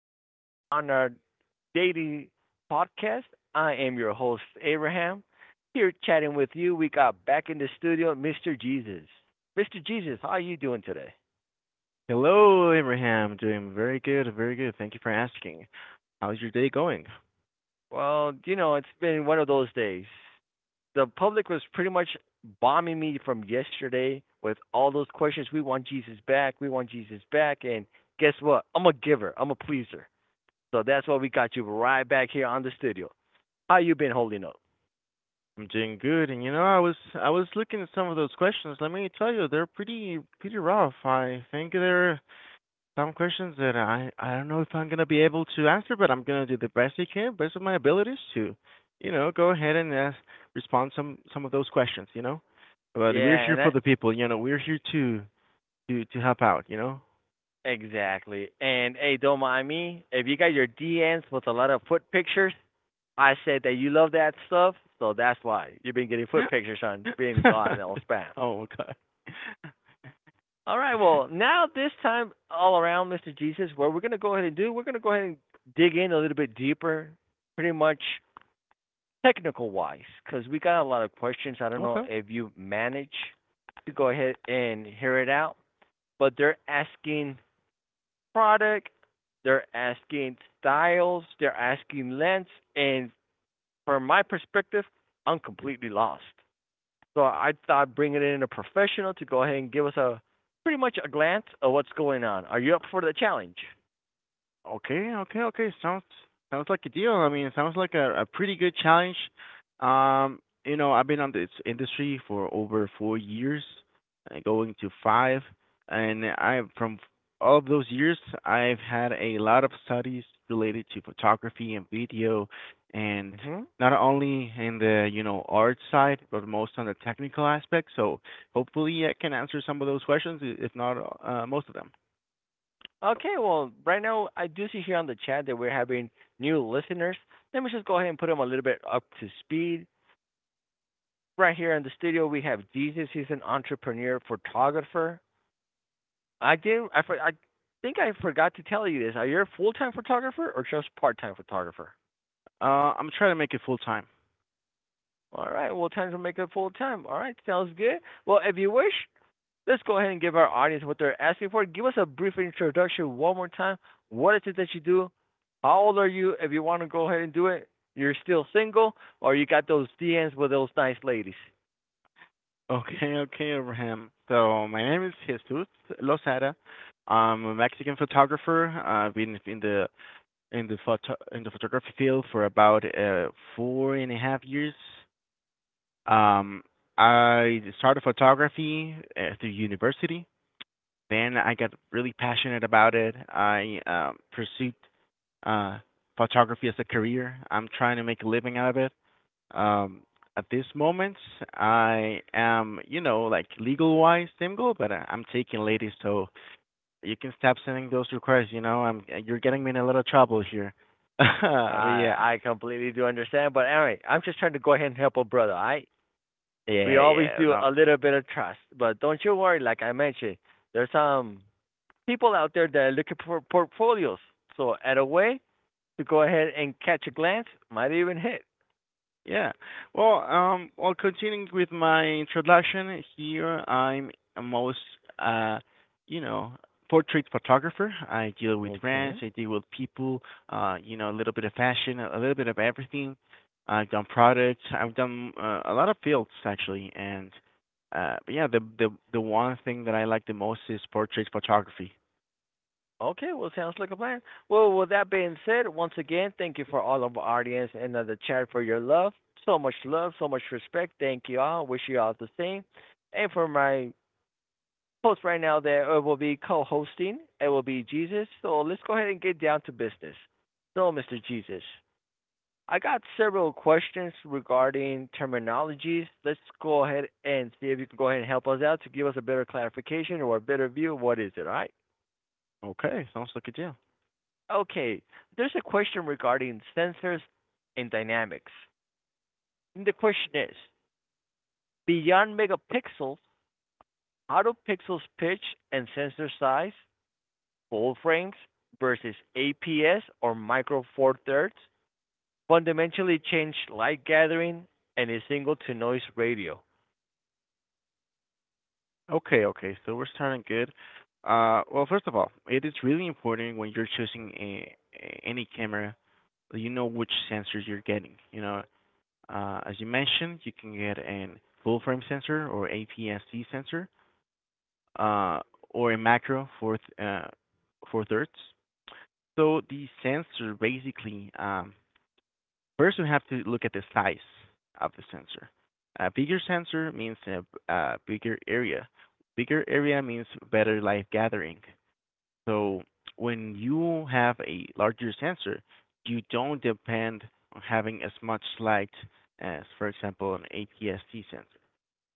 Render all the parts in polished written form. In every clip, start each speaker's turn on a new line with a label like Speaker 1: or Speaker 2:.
Speaker 1: here on our daily podcast. I am your host, Abraham. Here chatting with you, we got back in the studio, Mr. Jesus. Mr. Jesus, how are you doing today?
Speaker 2: Hello, Abraham. Doing very good, very good. Thank you for asking. How's your day going?
Speaker 1: Well, you know, it's been one of those days. The public was pretty much bombing me from yesterday with all those questions. We want Jesus back. We want Jesus back. And guess what? I'm a giver. I'm a pleaser. So that's why we got you right back here on the studio. How you been holding up?
Speaker 2: I'm doing good, and you know, I was looking at some of those questions. Let me tell you, they're pretty rough. I think there are some questions that I don't know if I'm gonna be able to answer, but I'm gonna do the best I can, best of my abilities to, you know, go ahead and respond some of those questions, you know. But we're
Speaker 1: Yeah,
Speaker 2: here
Speaker 1: and
Speaker 2: for
Speaker 1: that
Speaker 2: the people, you know. We're here to to help out, you know.
Speaker 1: exactly. And hey, don't mind me. If you got your DMs with a lot of foot pictures, I said that you love that stuff, so that's why you've been getting foot pictures on being on all spam.
Speaker 2: Oh, okay.
Speaker 1: All right, well now this time all around, Mr. Jesus, what we're gonna go ahead and do, we're gonna go ahead and dig in a little bit deeper, pretty much technical wise, because we got a lot of questions. I don't know
Speaker 2: Okay.
Speaker 1: if you manage to go ahead and hear it out, but they're asking product. They're asking styles. They're asking lengths. And from my perspective, I'm completely lost. So I thought bringing in a professional to go ahead and give us a pretty much a glance of what's going on. Are you up for the challenge?
Speaker 2: Okay. Sounds like a deal. I mean, it sounds like a pretty good challenge. You know, I've been on this industry for over 4 years, going to five, and I from all of those years, I've had a lot of studies related to photography and video, and
Speaker 1: hmm
Speaker 2: not only in the, you know, art side, but most on the technical aspect. So hopefully, I can answer some of those questions, if not most of them.
Speaker 1: Okay, well, right now I do see here on the chat that we're having new listeners. Let me just go ahead and put them a little bit up to speed. Right here in the studio, we have Jesus. He's an entrepreneur photographer. I think I forgot to tell you this. Are you a full time photographer or just part time photographer?
Speaker 2: I'm trying to make it full time.
Speaker 1: All right. Well, time to make it full time. All right. Sounds good. Well, if you wish, let's go ahead and give our audience what they're asking for. Give us a brief introduction one more time. What is it that you do? How old are you? If you want to go ahead and do it, you're still single, or you got those DMs with those nice ladies.
Speaker 2: Okay, okay, Abraham. So my name is Jesus Lozada. I'm a Mexican photographer. I've been in the photography field for about 4.5 years. Um, I started photography through university. Then I got really passionate about it. I pursued uh, photography as a career. I'm trying to make a living out of it. Um, at this moment, I am, you know, like legal wise single, but I'm taking ladies, so you can stop sending those requests. You know, I'm you're getting me in a lot of trouble here. But
Speaker 1: I
Speaker 2: yeah,
Speaker 1: I completely do understand, but all right, I'm just trying to go ahead and help a brother. All right, we
Speaker 2: yeah,
Speaker 1: always
Speaker 2: yeah.
Speaker 1: do
Speaker 2: No,
Speaker 1: a little bit of trust. But don't you worry, like I mentioned, there's some people out there that are looking for portfolios. So at a way to go ahead and catch a glance, might even hit.
Speaker 2: yeah. Well, well, continuing with my introduction here, I'm a most, uh, you know, portrait photographer. I deal with brands,
Speaker 1: Okay.
Speaker 2: I deal with people, you know, a little bit of fashion, a little bit of everything. I've done products, I've done a lot of fields actually, and but yeah, the one thing that I like the most is portrait photography.
Speaker 1: Okay, well, sounds like a plan. Well, with that being said, once again, thank you for all of our audience and the chat for your love. So much love, so much respect. Thank you all. Wish you all the same. And for my host right now that will be co-hosting. It will be Jesus. So let's go ahead and get down to business. So, Mr. Jesus, I got several questions regarding terminologies. Let's go ahead and see if you can go ahead and help us out to give us a better clarification or a better view of what is it, all right?
Speaker 2: Okay, sounds like a deal.
Speaker 1: Okay, there's a question regarding sensors and dynamics. And the question is, beyond megapixels, how do pixels pitch and sensor size full frames versus APS or Micro Four Thirds fundamentally changed light gathering and a single to noise ratio.
Speaker 2: Okay, okay. So we're starting good. Well, first of all, it is really important when you're choosing any camera that you know which sensors you're getting. You know, as you mentioned, you can get an full frame sensor or APS-C sensor, uh, or a macro for for thirds. So the sensor basically first, we have to look at the size of the sensor. A bigger sensor means a bigger area. Bigger area means better light gathering. So when you have a larger sensor, you don't depend on having as much light as, for example, an APS-C sensor.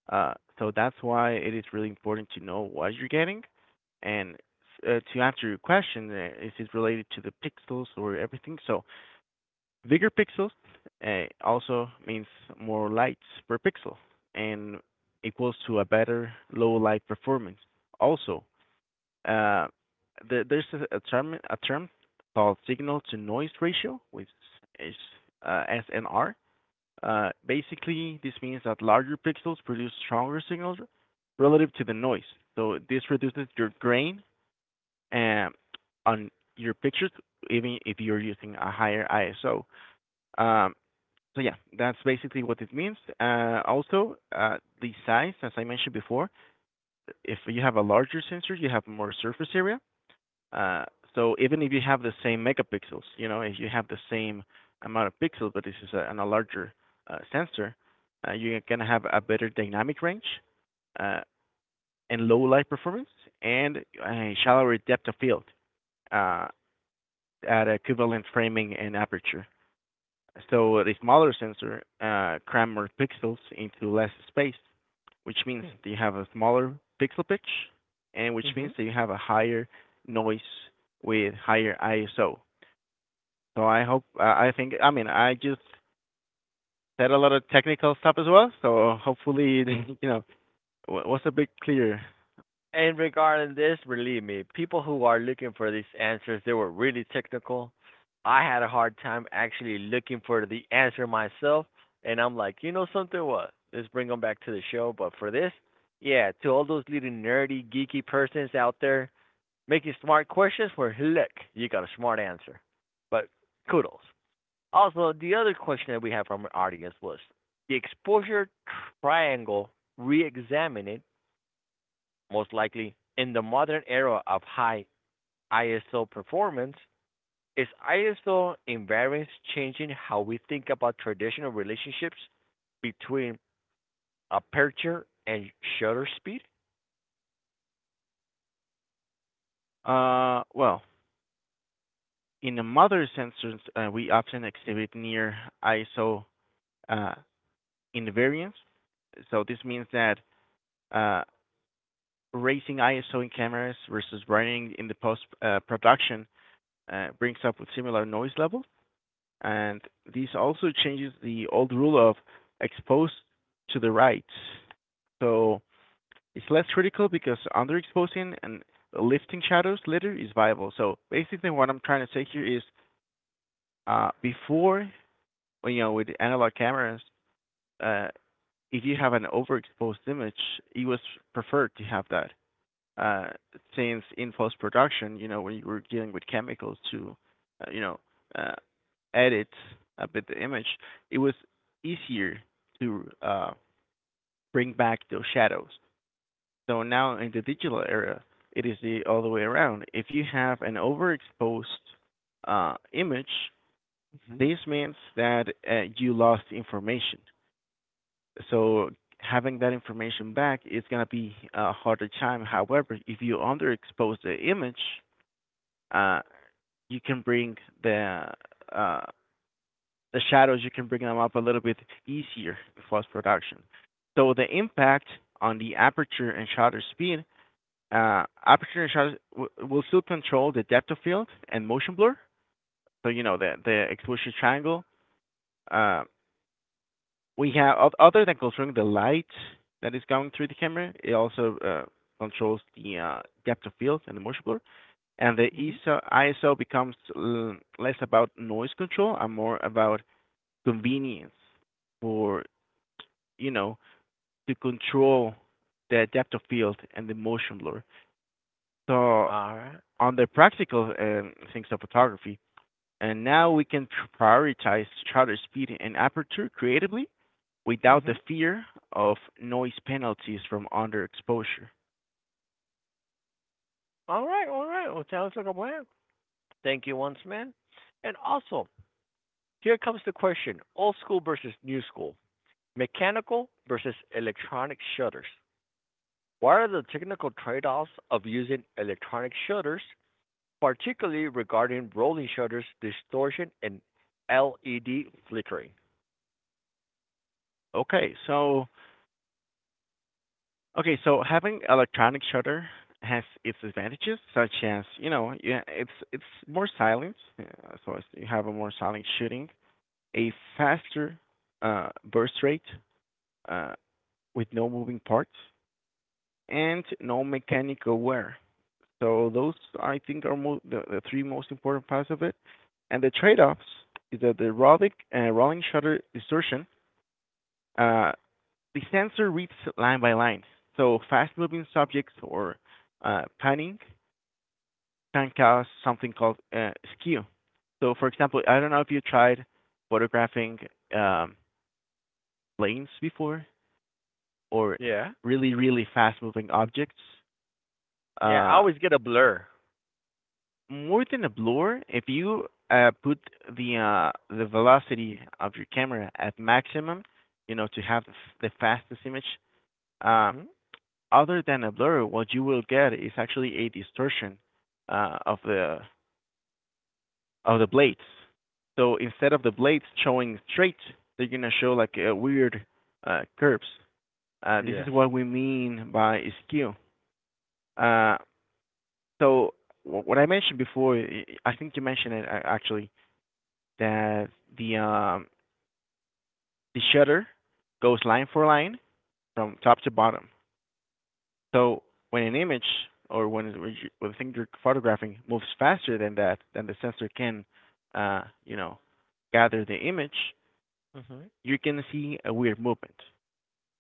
Speaker 2: So that's why it is really important to know what you're getting. And to answer your question, is it related to the pixels or everything? So bigger pixels also means more lights per pixel and equals to a better low light performance. Also, uh, there's a term called signal to noise ratio, which is uh, SNR. Basically, this means that larger pixels produce stronger signals relative to the noise. So this reduces your grain um, on your pictures, even if you're using a higher ISO. Um, so yeah, that's basically what it means. Also, the size, as I mentioned before, if you have a larger sensor, you have more surface area. Uh, so even if you have the same megapixels, you know, if you have the same amount of pixels, but this is on a larger sensor, you're gonna have a better dynamic range uh, and low light performance and a shallower depth of field uh, at equivalent framing and aperture. So the smaller sensor cram more pixels into less space, which means that you have a smaller pixel pitch, and which
Speaker 1: Mm-hmm.
Speaker 2: means that you have a higher noise with higher ISO. So I hope, I think, I mean, I just said a lot of technical stuff as well. So hopefully, you know, was a bit clear.
Speaker 1: And regarding this, believe me, people who are looking for these answers, they were really technical. I had a hard time actually looking for the answer myself, and I'm like, you know something? What? Let's bring them back to the show. But for this, yeah, to all those little nerdy, geeky persons out there, making smart questions where look, you got a smart answer. But kudos. Also, the other question that we had from our audience was the exposure triangle re-examined, most likely in the modern era of high ISO performance, is ISO invariance changing how we think about traditional relationships between aperture and shutter speed?
Speaker 2: Well, in the mother sensors, we often exhibit near ISO uh, invariance. So this means that uh, raising ISO in cameras versus running in the post production brings up with similar noise level. And this also changes the old rule of exposed to the right. So it's less critical because underexposing and lifting shadows later is viable. So basically what I'm trying to say here is, before, you know, with analog cameras, uh, if you have an overexposed image, it was preferred to have that. uh, since in post-production, you know, when you were dealing with chemicals to, uh, you know, uh, edit a bit the image, it was easier to bring back those shadows. So now in the digital era, it is the other way around. If you have an overexposed image,
Speaker 1: Mm-hmm.
Speaker 2: this means that you lost information. So having that information back is going to be a harder time. However, if you underexpose the image, uh, you can bring the uh, the shadows, you can bring them up a little bit easier in post-production. So the impact on the aperture and shutter speed, aperture and shutter will still control the depth of field and motion blur. So you know the exposure triangle. Uh, we have, other than controlling the light that is going through the camera, it also controls the depth of field and the motion blur. And the
Speaker 1: Mm-hmm.
Speaker 2: ISO becomes less about noise control and more about convenience for, you know, to control the depth of field and the motion blur. So
Speaker 1: All right.
Speaker 2: on the practical things of photography, and now we can prioritize shutter speed and aperture creatively without
Speaker 1: Mm-hmm.
Speaker 2: the fear of noise penalties from underexposure.
Speaker 1: All right. All right. Well, sounds like a plan. Thank you once, man. And also, here comes the question: old school versus new school, mechanical versus electronic shutters. What are the technical trade-offs of using electronic shutters, particularly regarding rolling shutters, distortion, and LED flickering?
Speaker 2: Okay, so okay, so having electronic shutter has its advantages, such as, you know, yeah, it's more silent, so it's, you have a more silent shooting, a faster burst rate uh, with no moving parts, and no mechanical wear. So those I think are the three most important parts of it. And the trade-offs is that the rolling shutter distortion uh, the sensor reads line by line. So fast-moving subjects or panning can cause something called skew. So, for example, I don't know if you tried photographing um, planes before or
Speaker 1: Yeah.
Speaker 2: really, really fast-moving objects.
Speaker 1: Yeah, I
Speaker 2: Uh,
Speaker 1: always get a blur.
Speaker 2: More than a blur, if you put the velocity of your camera at maximum, you know, to have the fastest image, uh,
Speaker 1: Hmm?
Speaker 2: other than a blur, what you will get is actually a distortion uh, of the of the blades. So instead of the blades showing straight, they're gonna show like weird curves. This is
Speaker 1: Yes.
Speaker 2: what we mean by skew. Uh, so what I mentioned before, I think you mentioned it actually, that the um, the shutter goes line for line from top to bottom. So when an image, or when the thing you're photographing moves faster than that, then the sensor can, you know, gather the image,
Speaker 1: Mhm.
Speaker 2: you're gonna see a weird movement.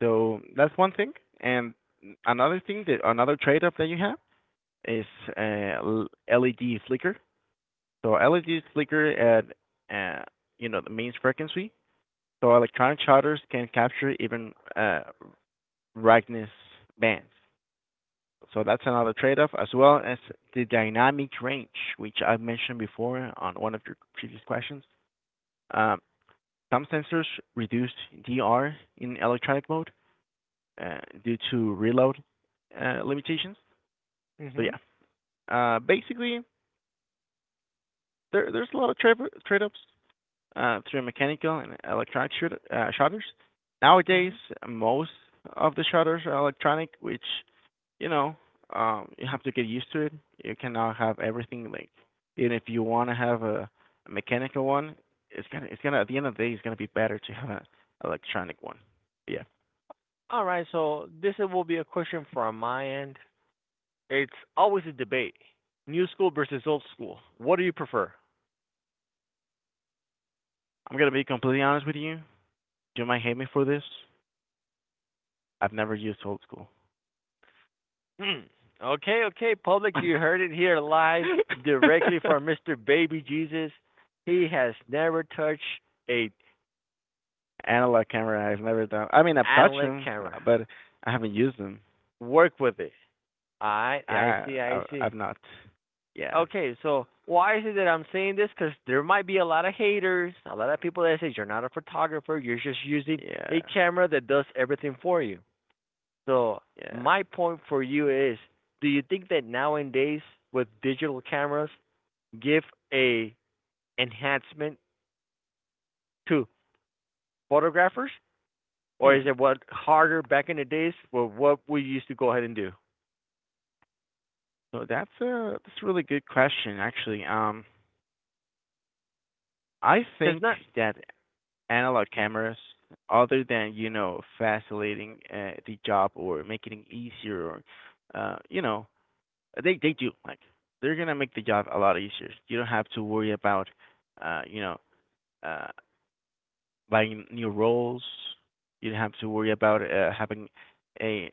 Speaker 2: So that's one thing. And another thing, that another trade-off that you have is uh, LED flicker. So LED flicker at uh, you know the mains frequency. So electronic shutters can capture even brightness bands. So that's another trade-off, as well as the dynamic range, which I mentioned before on one of your previous questions. Um, Some sensors reduce DR in electronic mode due to reload limitations. So
Speaker 1: Mhm.
Speaker 2: yeah, basically, there's a lot of trade-offs through mechanical and electronic shoot shutters. Nowadays,
Speaker 1: Mhm.
Speaker 2: most of the shutters are electronic, which, you know, you have to get used to it. You cannot have everything linked. Even if you want to have a mechanical one, at the end of the day, it's gonna be better to have an electronic one. But yeah,
Speaker 1: All right, so this will be a question from my end. It's always a debate. New school versus old school. What do you prefer?
Speaker 2: I'm gonna be completely honest with you. You might hate me for this. I've never used old school.
Speaker 1: Hmm. Okay, okay, public, you heard it here live directly from Mr. Baby Jesus. He has never touched a
Speaker 2: Analog camera, I've never done. I mean, I've touched
Speaker 1: analog
Speaker 2: them,
Speaker 1: camera.
Speaker 2: but I haven't used them.
Speaker 1: Work with it. I
Speaker 2: Yeah,
Speaker 1: see, I
Speaker 2: have
Speaker 1: see.
Speaker 2: not. Yeah,
Speaker 1: Okay, so why is it that I'm saying this? Because there might be a lot of haters, a lot of people that say you're not a photographer, you're just using a
Speaker 2: yeah,
Speaker 1: camera that does everything for you. So
Speaker 2: yeah.
Speaker 1: my point for you is, do you think that nowadays with digital cameras give a enhancement to photographers, or
Speaker 2: Hmm.
Speaker 1: is it what harder back in the days for what we used to go ahead and do?
Speaker 2: So that's a really good question, actually. I
Speaker 1: Because
Speaker 2: think
Speaker 1: not.
Speaker 2: that analog cameras, other than, you know, facilitating the job or making it easier, or you know, they do like they're gonna make the job a lot easier. You don't have to worry about you know uh, buying new roles. You don't have to worry about having a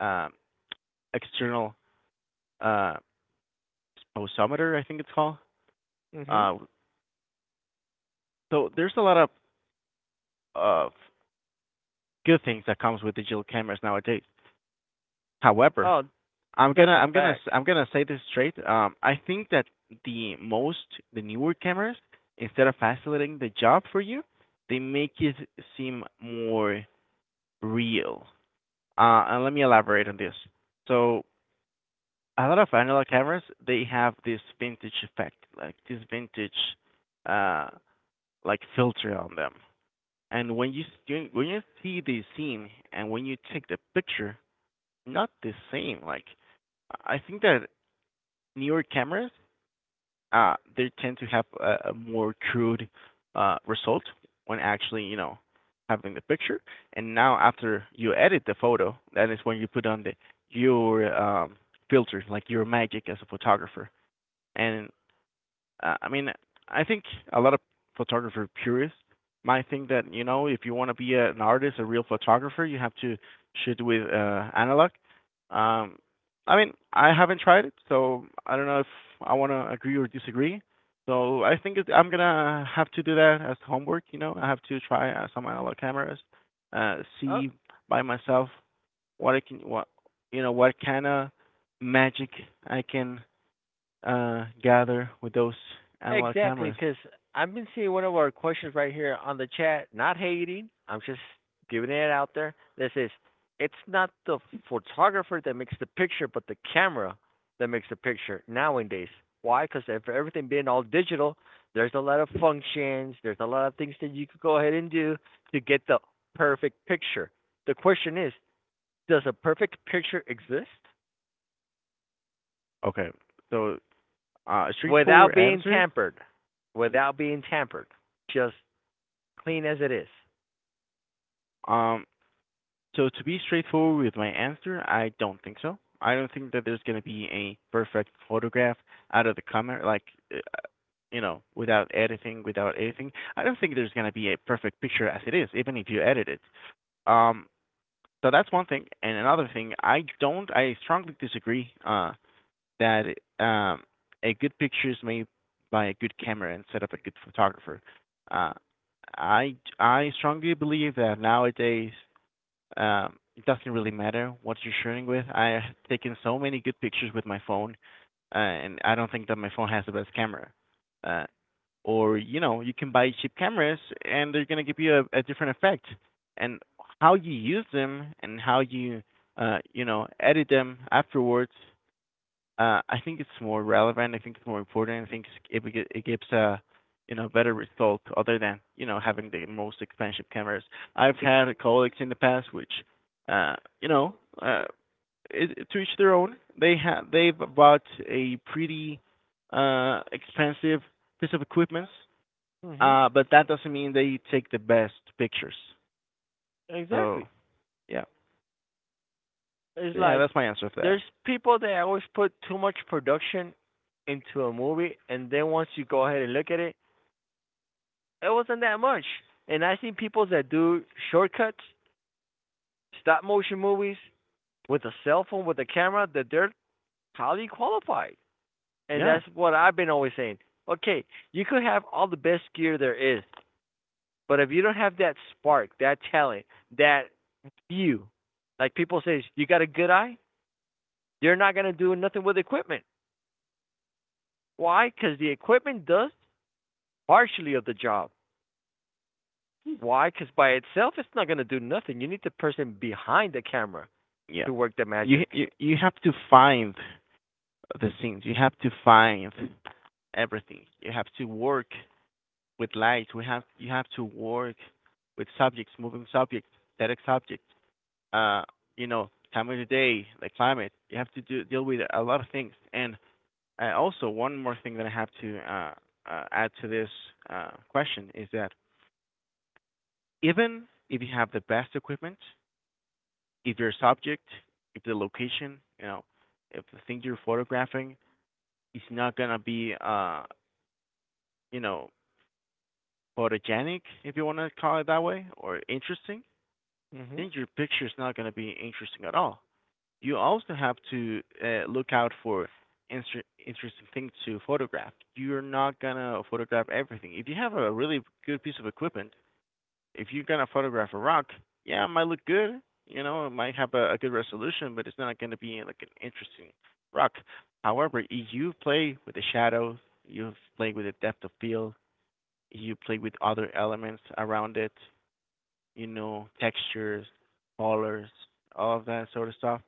Speaker 2: um, external uh, pulsometer, I think it's called.
Speaker 1: Mhm.
Speaker 2: Uh, so there's a lot of good things that comes with digital cameras nowadays. However,
Speaker 1: Oh,
Speaker 2: I'm gonna
Speaker 1: that's a
Speaker 2: I'm gonna
Speaker 1: fact.
Speaker 2: to i I'm gonna say this straight. I think that the most the newer cameras, instead of facilitating the job for you, they make it seem more real. And let me elaborate on this. So a lot of analog cameras they have this vintage effect, like this vintage, uh, like filter on them. And when you see the scene and when you take the picture, not the same. Like I think that newer cameras, they tend to have a more crude result when actually you know having the picture. And now after you edit the photo, that is when you put on the your filter, like your magic as a photographer. And uh, I mean, I think a lot of photographer purists might think that you know if you want to be an artist, a real photographer, you have to shoot with analog. Um, I mean, I haven't tried it, so I don't know if I want to agree or disagree. So I'm gonna have to do that as homework. You know, I have to try some analog cameras,
Speaker 1: Uh,
Speaker 2: see by myself what you know, what kind of magic I can gather with those analog
Speaker 1: Exactly,
Speaker 2: cameras?
Speaker 1: because I've been seeing one of our questions right here on the chat. Not hating, I'm just giving it out there. This is, it's not the photographer that makes the picture, but the camera that makes the picture nowadays. Why? Because for everything being all digital, there's a lot of functions, there's a lot of things that you could go ahead and do to get the perfect picture. The question is, does a perfect picture exist
Speaker 2: Okay, so a
Speaker 1: without
Speaker 2: straightforward
Speaker 1: being
Speaker 2: answer.
Speaker 1: tampered? Without being tampered, just clean as it is.
Speaker 2: Um, so to be straightforward with my answer, I don't think so. I don't think that there's going to be a perfect photograph out of the camera, like uh, you know, without editing, without anything. I don't think there's going to be a perfect picture as it is, even if you edit it. Um, so that's one thing, and another thing, I don't, I strongly disagree that um, a good picture is made by a good camera instead of a good photographer. Uh, I strongly believe that nowadays it doesn't really matter what you're shooting with. I've taken so many good pictures with my phone, and I don't think that my phone has the best camera. Uh, or you know, you can buy cheap cameras, and they're gonna give you a different effect. And how you use them and how you you know edit them afterwards I think it's more relevant. I think it's more important. I think it it, gives a you know better result other than you know having the most expensive cameras. I've had colleagues in the past which uh, you know uh, to each their own. They've bought a pretty expensive piece of equipment,
Speaker 1: Mhm.
Speaker 2: but that doesn't mean they take the best pictures. So
Speaker 1: Exactly.
Speaker 2: yeah,
Speaker 1: It's
Speaker 2: yeah,
Speaker 1: like
Speaker 2: that's my answer for that.
Speaker 1: there's people that always put too much production into a movie, and then once you go ahead and look at it, it wasn't that much. And I see people that do shortcuts, stop motion movies with a cell phone, with a camera, that they're highly qualified. And
Speaker 2: Yeah,
Speaker 1: that's what I've been always saying. Okay, you could have all the best gear there is, but if you don't have that spark, that talent, that view, like people say, you got a good eye? They're not going to do nothing with equipment. Why? Because the equipment does partially of the job. Why? Because by itself, it's not going to do nothing. You need the person behind the camera
Speaker 2: yeah.
Speaker 1: to work the
Speaker 2: You
Speaker 1: magic.
Speaker 2: you you have to find the things. You have to find everything. You have to work with light. We have you have to work with subjects, moving subjects, static subjects. Uh, you know, time of the day, the climate. You have to deal with a lot of things. And also, one more thing that I have to add to this question is that even if you have the best equipment, if your subject, if the location, you know, if the thing you're photographing is not gonna be, you know, photogenic, if you want to call it that way, or interesting,
Speaker 1: Mm-hmm.
Speaker 2: then your picture is not going to be interesting at all. You also have to look out for interesting things to photograph. You're not going to photograph everything. If you have a really good piece of equipment, if you're going to photograph a rock, yeah, it might look good. You know, it might have a good resolution, but it's not going to be like an interesting rock. However, if you play with the shadows, you play with the depth of field, you play with other elements around it, you know, textures, colors, all of that sort of stuff,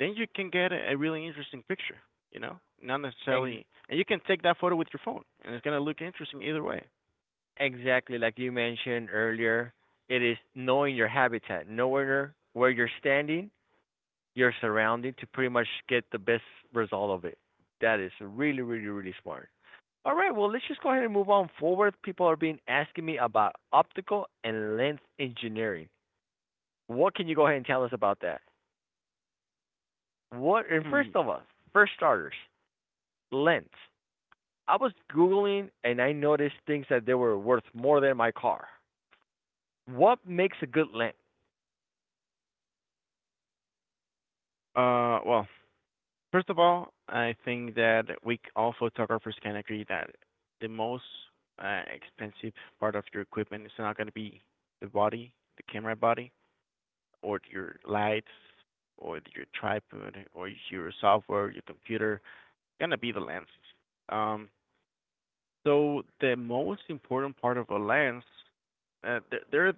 Speaker 2: then you can get a really interesting picture, you know? Not
Speaker 1: Ex-
Speaker 2: necessarily, and you can take that photo with your phone, and it's going to look interesting either way.
Speaker 1: exactly like you mentioned earlier, it is knowing your habitat, knowing where you're standing, your surrounding to pretty much get the best result of it. That is really, really, really smart. All right, well, let's just go ahead and move on forward. People are being asking me about optical and lens engineering. What can you go ahead and tell us about that? What and first
Speaker 2: Hmm.
Speaker 1: of all, first starters, lens. I was googling and I noticed things that they were worth more than my car. What makes a good lens?
Speaker 2: Well, first of all, I think that we all photographers can agree that the most expensive part of your equipment is not going to be the body, the camera body, or your lights, or your tripod, or your software, your computer, gonna be the lenses. Um, so the most important part of a lens, there are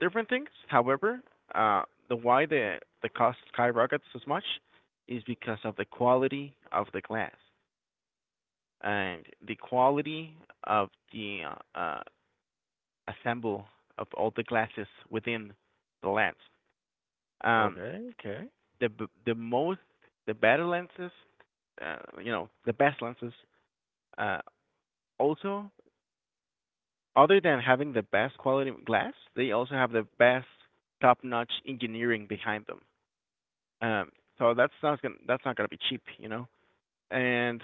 Speaker 2: different things. However, uh, the why the cost skyrockets as much is because of the quality of the glass and the quality of the uh, uh, assemble of all the glasses within the lens. Um,
Speaker 1: Okay, okay.
Speaker 2: the the most the better lenses, the best lenses uh, also other than having the best quality glass, they also have the best top-notch engineering behind them. Um, so that's not gonna be cheap, you know. And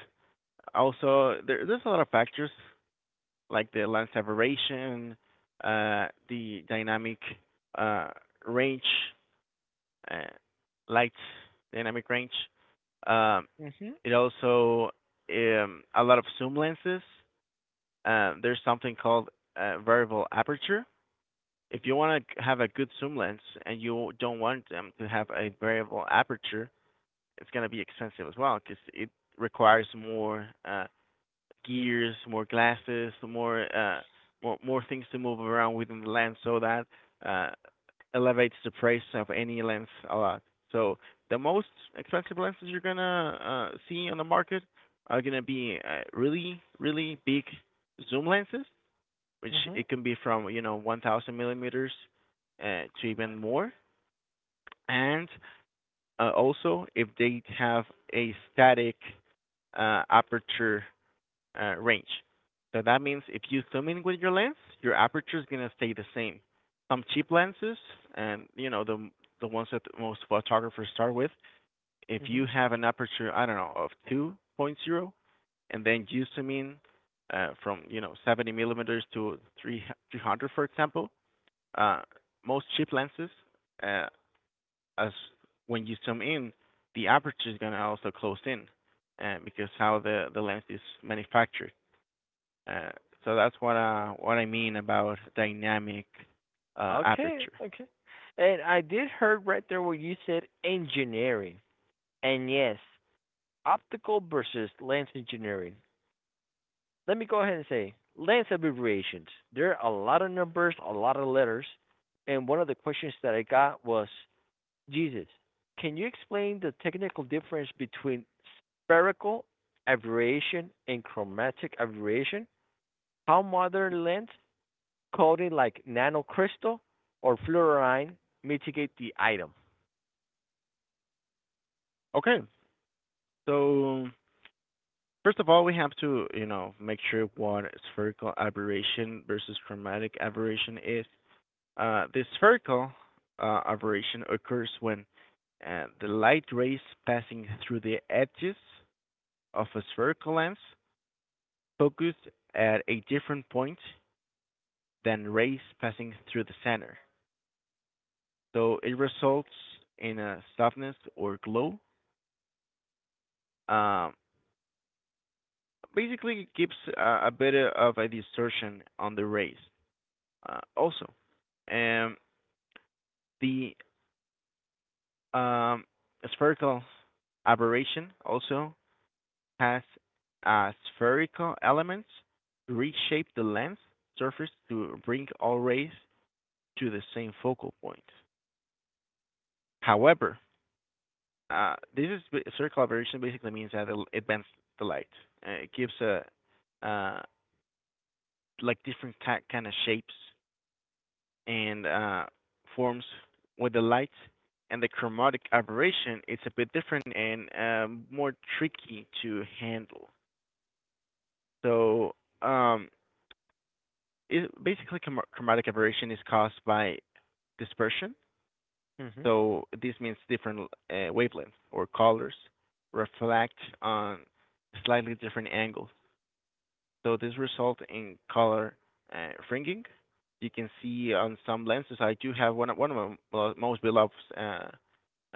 Speaker 2: also there's a lot of factors like the lens separation, the dynamic uh, range, uh, light dynamic range. Um,
Speaker 1: Mhm.
Speaker 2: it also a lot of zoom lenses. There's something called variable aperture. If you want to have a good zoom lens and you don't want them to have a variable aperture, it's going to be expensive as well because it requires more gears, more glasses, more things to move around within the lens, so that uh, elevates the price of any lens a lot. So the most expensive lenses you're gonna see on the market are gonna be really really big zoom lenses which
Speaker 1: Mhm.
Speaker 2: it can be from you know 1,000 millimeters to even more. And also, if they have a static aperture range, so that means if you zoom in with your lens, your aperture is gonna stay the same. Some cheap lenses, and you know the ones that most photographers start with, if you
Speaker 1: Mhm.
Speaker 2: have an aperture, I don't know, of 2.0, and then you zoom in from you know 70 millimeters to 300, for example, uh, most cheap lenses, uh, as when you zoom in, the aperture is gonna also close in, because how the lens is manufactured. Uh, so that's what I mean about dynamic
Speaker 1: Okay,
Speaker 2: aperture.
Speaker 1: okay. And I did heard right there where you said engineering. And yes, optical versus lens engineering. Let me go ahead and say Lance abbreviations. There are a lot of numbers, a lot of letters, and one of the questions that I got was Jesus. Can you explain the technical difference between spherical aberration and chromatic aberration? How modern lens coating like nanocrystal or fluorine mitigate the item?
Speaker 2: Okay, so first of all, we have to you know make sure what spherical aberration versus chromatic aberration is. The spherical aberration occurs when the light rays passing through the edges of a spherical lens focused at a different point than rays passing through the center. So it results in a softness or glow. Um, Basically, it gives a bit of a distortion on the rays. Also, um, the um, spherical aberration also has spherical elements to reshape the lens surface to bring all rays to the same focal point. However, this is circle aberration basically means that it bends the light. It gives a uh, like different kind of shapes and forms with the light. And the chromatic aberration it's a bit different and more tricky to handle. So um, basically, chromatic aberration is caused by dispersion.
Speaker 1: Mhm.
Speaker 2: So this means different wavelengths or colors reflect on slightly different angles. So this results in color fringing. You can see on some lenses, I do have one of my well, most beloved uh,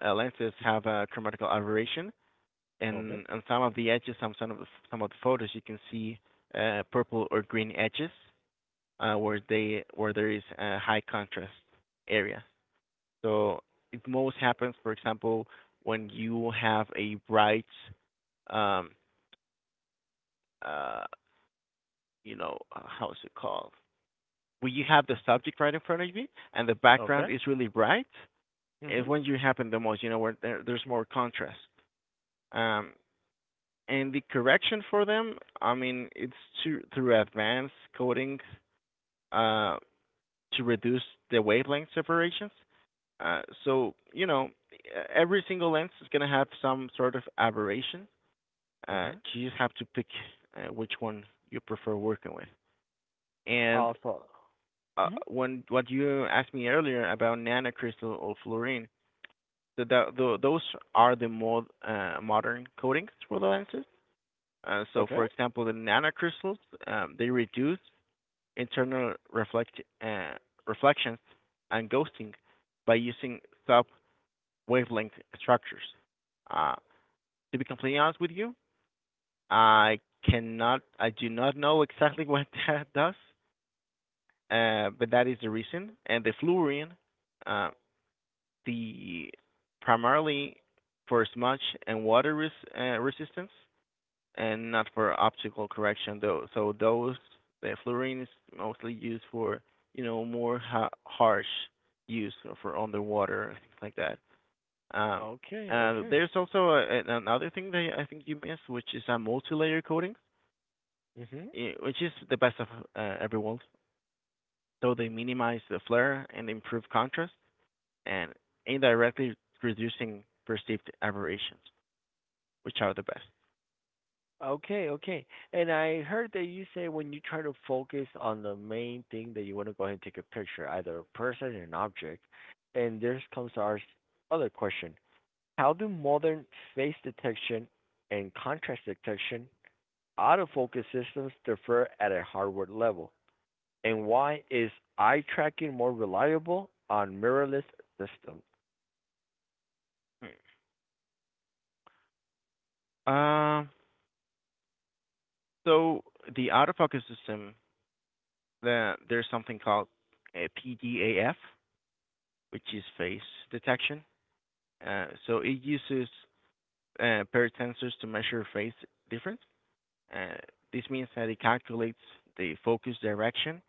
Speaker 2: uh, lenses have a chromatical aberration,
Speaker 1: Okay.
Speaker 2: and on some of the edges, some of the photos, you can see purple or green edges where there is a high contrast area. So it most happens, for example, when you have a bright, um, uh, you know, how's it called? When you have the subject right in front of you and the background
Speaker 1: Okay.
Speaker 2: is really bright, is
Speaker 1: Mhm.
Speaker 2: when you happen the most, you know, where there's more contrast. Um, and the correction for them, I mean, it's to, through advanced coding uh, to reduce the wavelength separations. So, you know, every single lens is going to have some sort of aberration.
Speaker 1: Okay.
Speaker 2: You just have to pick which one you prefer working with. And
Speaker 1: Also. Mhm.
Speaker 2: when what you asked me earlier about nanocrystal or fluorine, so that, those are the more modern coatings for the lenses. So,
Speaker 1: Okay.
Speaker 2: for example, the nanocrystals they reduce internal reflections and ghosting by using sub wavelength structures. Uh, to be completely honest with you, I I do not know exactly what that does, but that is the reason. And the fluorine, uh, the primarily for smudge and water resistance, and not for optical correction though. So those the fluorine is mostly used for more harsh use for underwater and things like that. Um,
Speaker 1: Okay. Okay.
Speaker 2: there's also another thing that I think you missed, which is a multi-layer coating,
Speaker 1: Mhm.
Speaker 2: which is the best of every world, though they minimize the flare and improve contrast, and indirectly reducing perceived aberrations, which are the best.
Speaker 1: Okay, okay. And I heard that you say when you try to focus on the main thing that you want to go ahead and take a picture, either a person or an object. And there comes our other question. How do modern face detection and contrast detection autofocus systems differ at a hardware level? And why is eye tracking more reliable on mirrorless systems?
Speaker 2: Hmm. So the autofocus system, there's something called PDAF, which is phase detection. So it uses paired sensors to measure phase difference. Uh, this means that it calculates the focus direction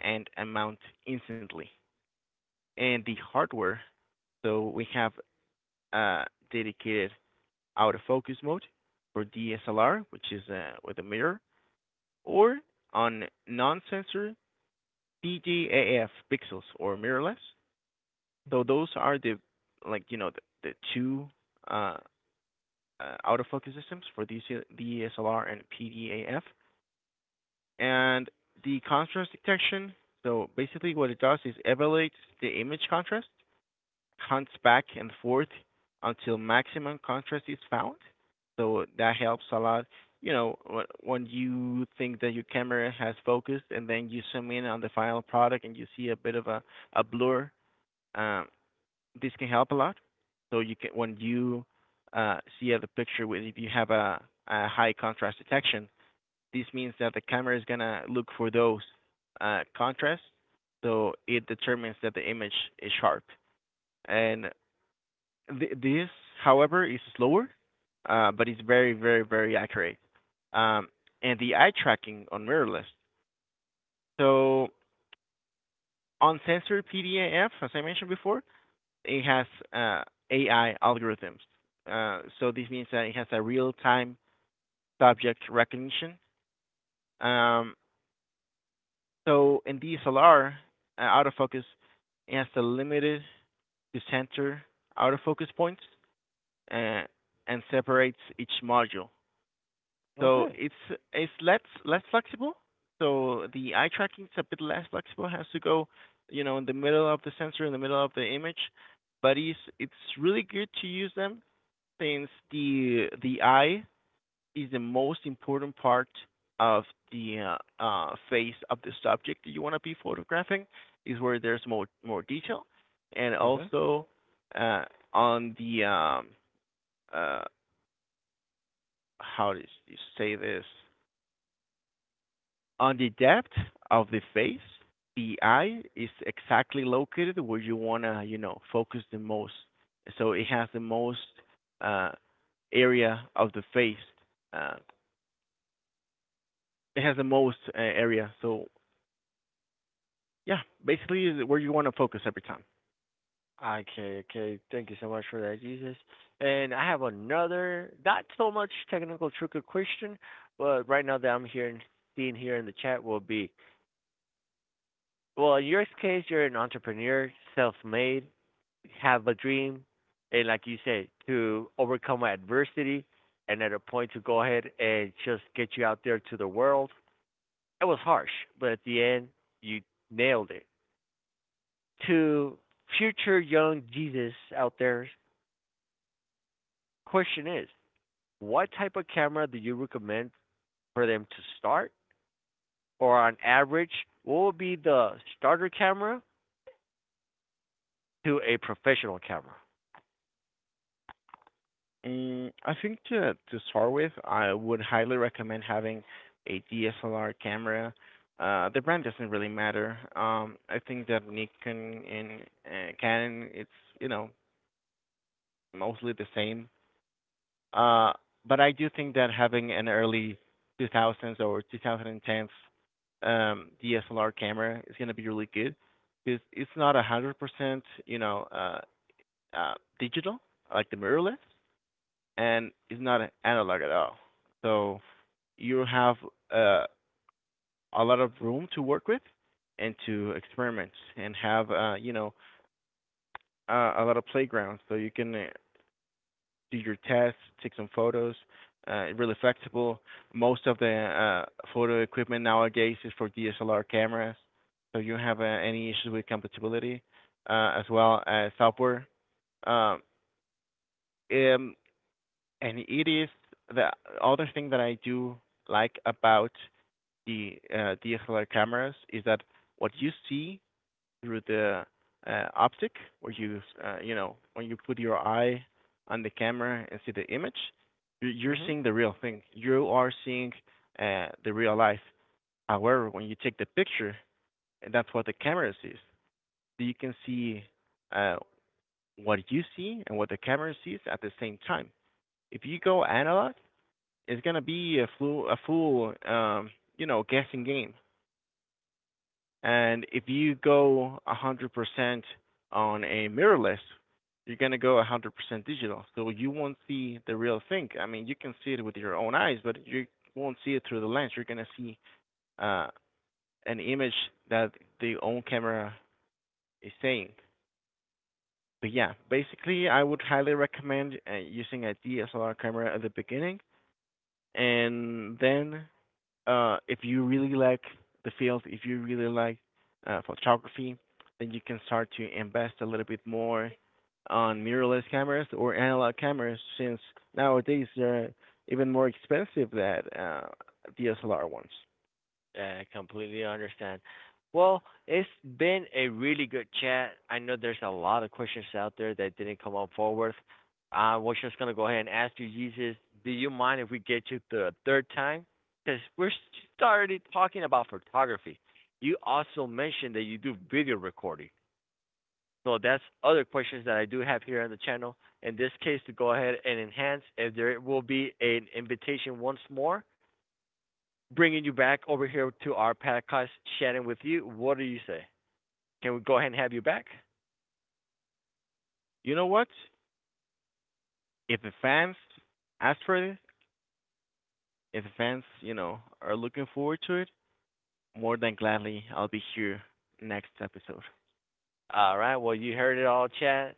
Speaker 2: and amount instantly. And the hardware. So we have a dedicated autofocus mode for DSLR, which is with a mirror, or on non-sensor PGAF pixels or mirrorless. So those are the the two uh, autofocus systems for DC, DSLR and PDAF, and the contrast detection. So basically, what it does is evaluates the image contrast, hunts back and forth until maximum contrast is found. So that helps a lot. You know, when, you think that your camera has focused and then you zoom in on the final product and you see a bit of a blur, um, this can help a lot. So you can when you see the picture with if you have a high contrast detection, this means that the camera is gonna look for those contrasts. So it determines that the image is sharp. And this, however, is slower, but it's very, very, very accurate. Um, and the eye tracking on mirrorless. So on sensor PDAF, as I mentioned before, it has uh, AI algorithms. So this means that it has a real-time subject recognition. Um, so in DSLR, autofocus it has a limited to center autofocus points, uh, and separates each module. So
Speaker 1: Okay.
Speaker 2: it's less flexible. So the eye tracking is a bit less flexible. Has to go, you know, in the middle of the sensor, in the middle of the image. But it's really good to use them since the eye is the most important part of the face of the subject that you want to be photographing. Is where there's more detail, and
Speaker 1: Okay.
Speaker 2: also uh, on the uh, how does you say this. On the depth of the face, the eye is exactly located where you wanna, you know, focus the most. So it has the most uh, area of the face. Uh, it has the most area. So yeah, basically is where you wanna focus every time.
Speaker 1: Okay, okay. Thank you so much for that, Jesus. And I have another, not so much technical trick or question, but right now that I'm here and seeing here in the chat will be, well, in your case, you're an entrepreneur, self-made, have a dream, and like you said, to overcome adversity, and at a point to go ahead and just get you out there to the world. It was harsh, but at the end, you nailed it. To future young Jesus out there, question is what type of camera do you recommend for them to start? Or on average, what would be the starter camera to a professional camera?
Speaker 2: Mm, I think to start with, I would highly recommend having a DSLR camera. The brand doesn't really matter. I think that Nikon and Canon, it's, you know, mostly the same. Uh, but I do think that having an early 2000s or 2010s DSLR camera is going to be really good because it's not 100%, you know, uh, digital like the mirrorless, and it's not analog at all. So you have uh, a lot of room to work with and to experiment and have, you know, a lot of playgrounds so you can do your tests, take some photos. Really flexible. Most of the uh, photo equipment nowadays is for DSLR cameras, so you don't have any issues with compatibility, as well as software. Um, um, and it is the other thing that I do like about the DSLR cameras is that what you see through the optic, where you you know when you put your eye on the camera and see the image, you- are
Speaker 1: Mm-hmm.
Speaker 2: seeing the real thing. You are seeing the real life. However, when you take the picture, that's what the camera sees. So you can see uh, what you see and what the camera sees at the same time. If you go analog, it's gonna be a flu a full you know guessing game. And if you go 100% on a mirrorless, you're going to go 100% digital. So you won't see the real thing. I mean, you can see it with your own eyes, but you won't see it through the lens. You're going to see uh, an image that the own camera is saying. But yeah, basically, I would highly recommend using a DSLR camera at the beginning, and then if you really like the field, if you really like photography, then you can start to invest a little bit more on mirrorless cameras or analog cameras, since nowadays they're even more expensive than DSLR ones.
Speaker 1: Yeah, I completely understand. Well, it's been a really good chat. I know there's a lot of questions out there that didn't come up forward. I was just gonna go ahead and ask you, Jesus, do you mind if we get you the third time? Because we're started talking about photography. You also mentioned that you do video recording. So that's other questions that I do have here on the channel. In this case, to go ahead and enhance, if there will be an invitation once more, bringing you back over here to our podcast, chatting with you. What do you say? Can we go ahead and have you back?
Speaker 2: You know what? If the fans ask for it, if the fans, you know, are looking forward to it, more than gladly I'll be here next episode.
Speaker 1: All right. Well, you heard it all, chat.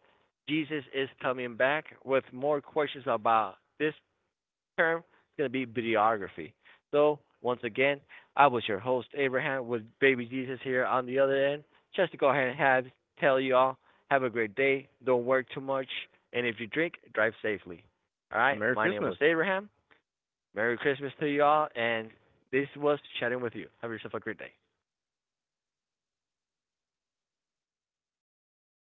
Speaker 1: Jesus is coming back with more questions about this term is going to be videography. So, once again, I was your host, Abraham, with Baby Jesus here on the other end. Just to go ahead and have, tell you all, have a great day. Don't work too much. And if you drink, drive safely. All
Speaker 2: And
Speaker 1: right,
Speaker 2: Merry
Speaker 1: my name
Speaker 2: Christmas!
Speaker 1: was Abraham. Merry Christmas to you all. And this was Chatting with You. Have yourself a great day.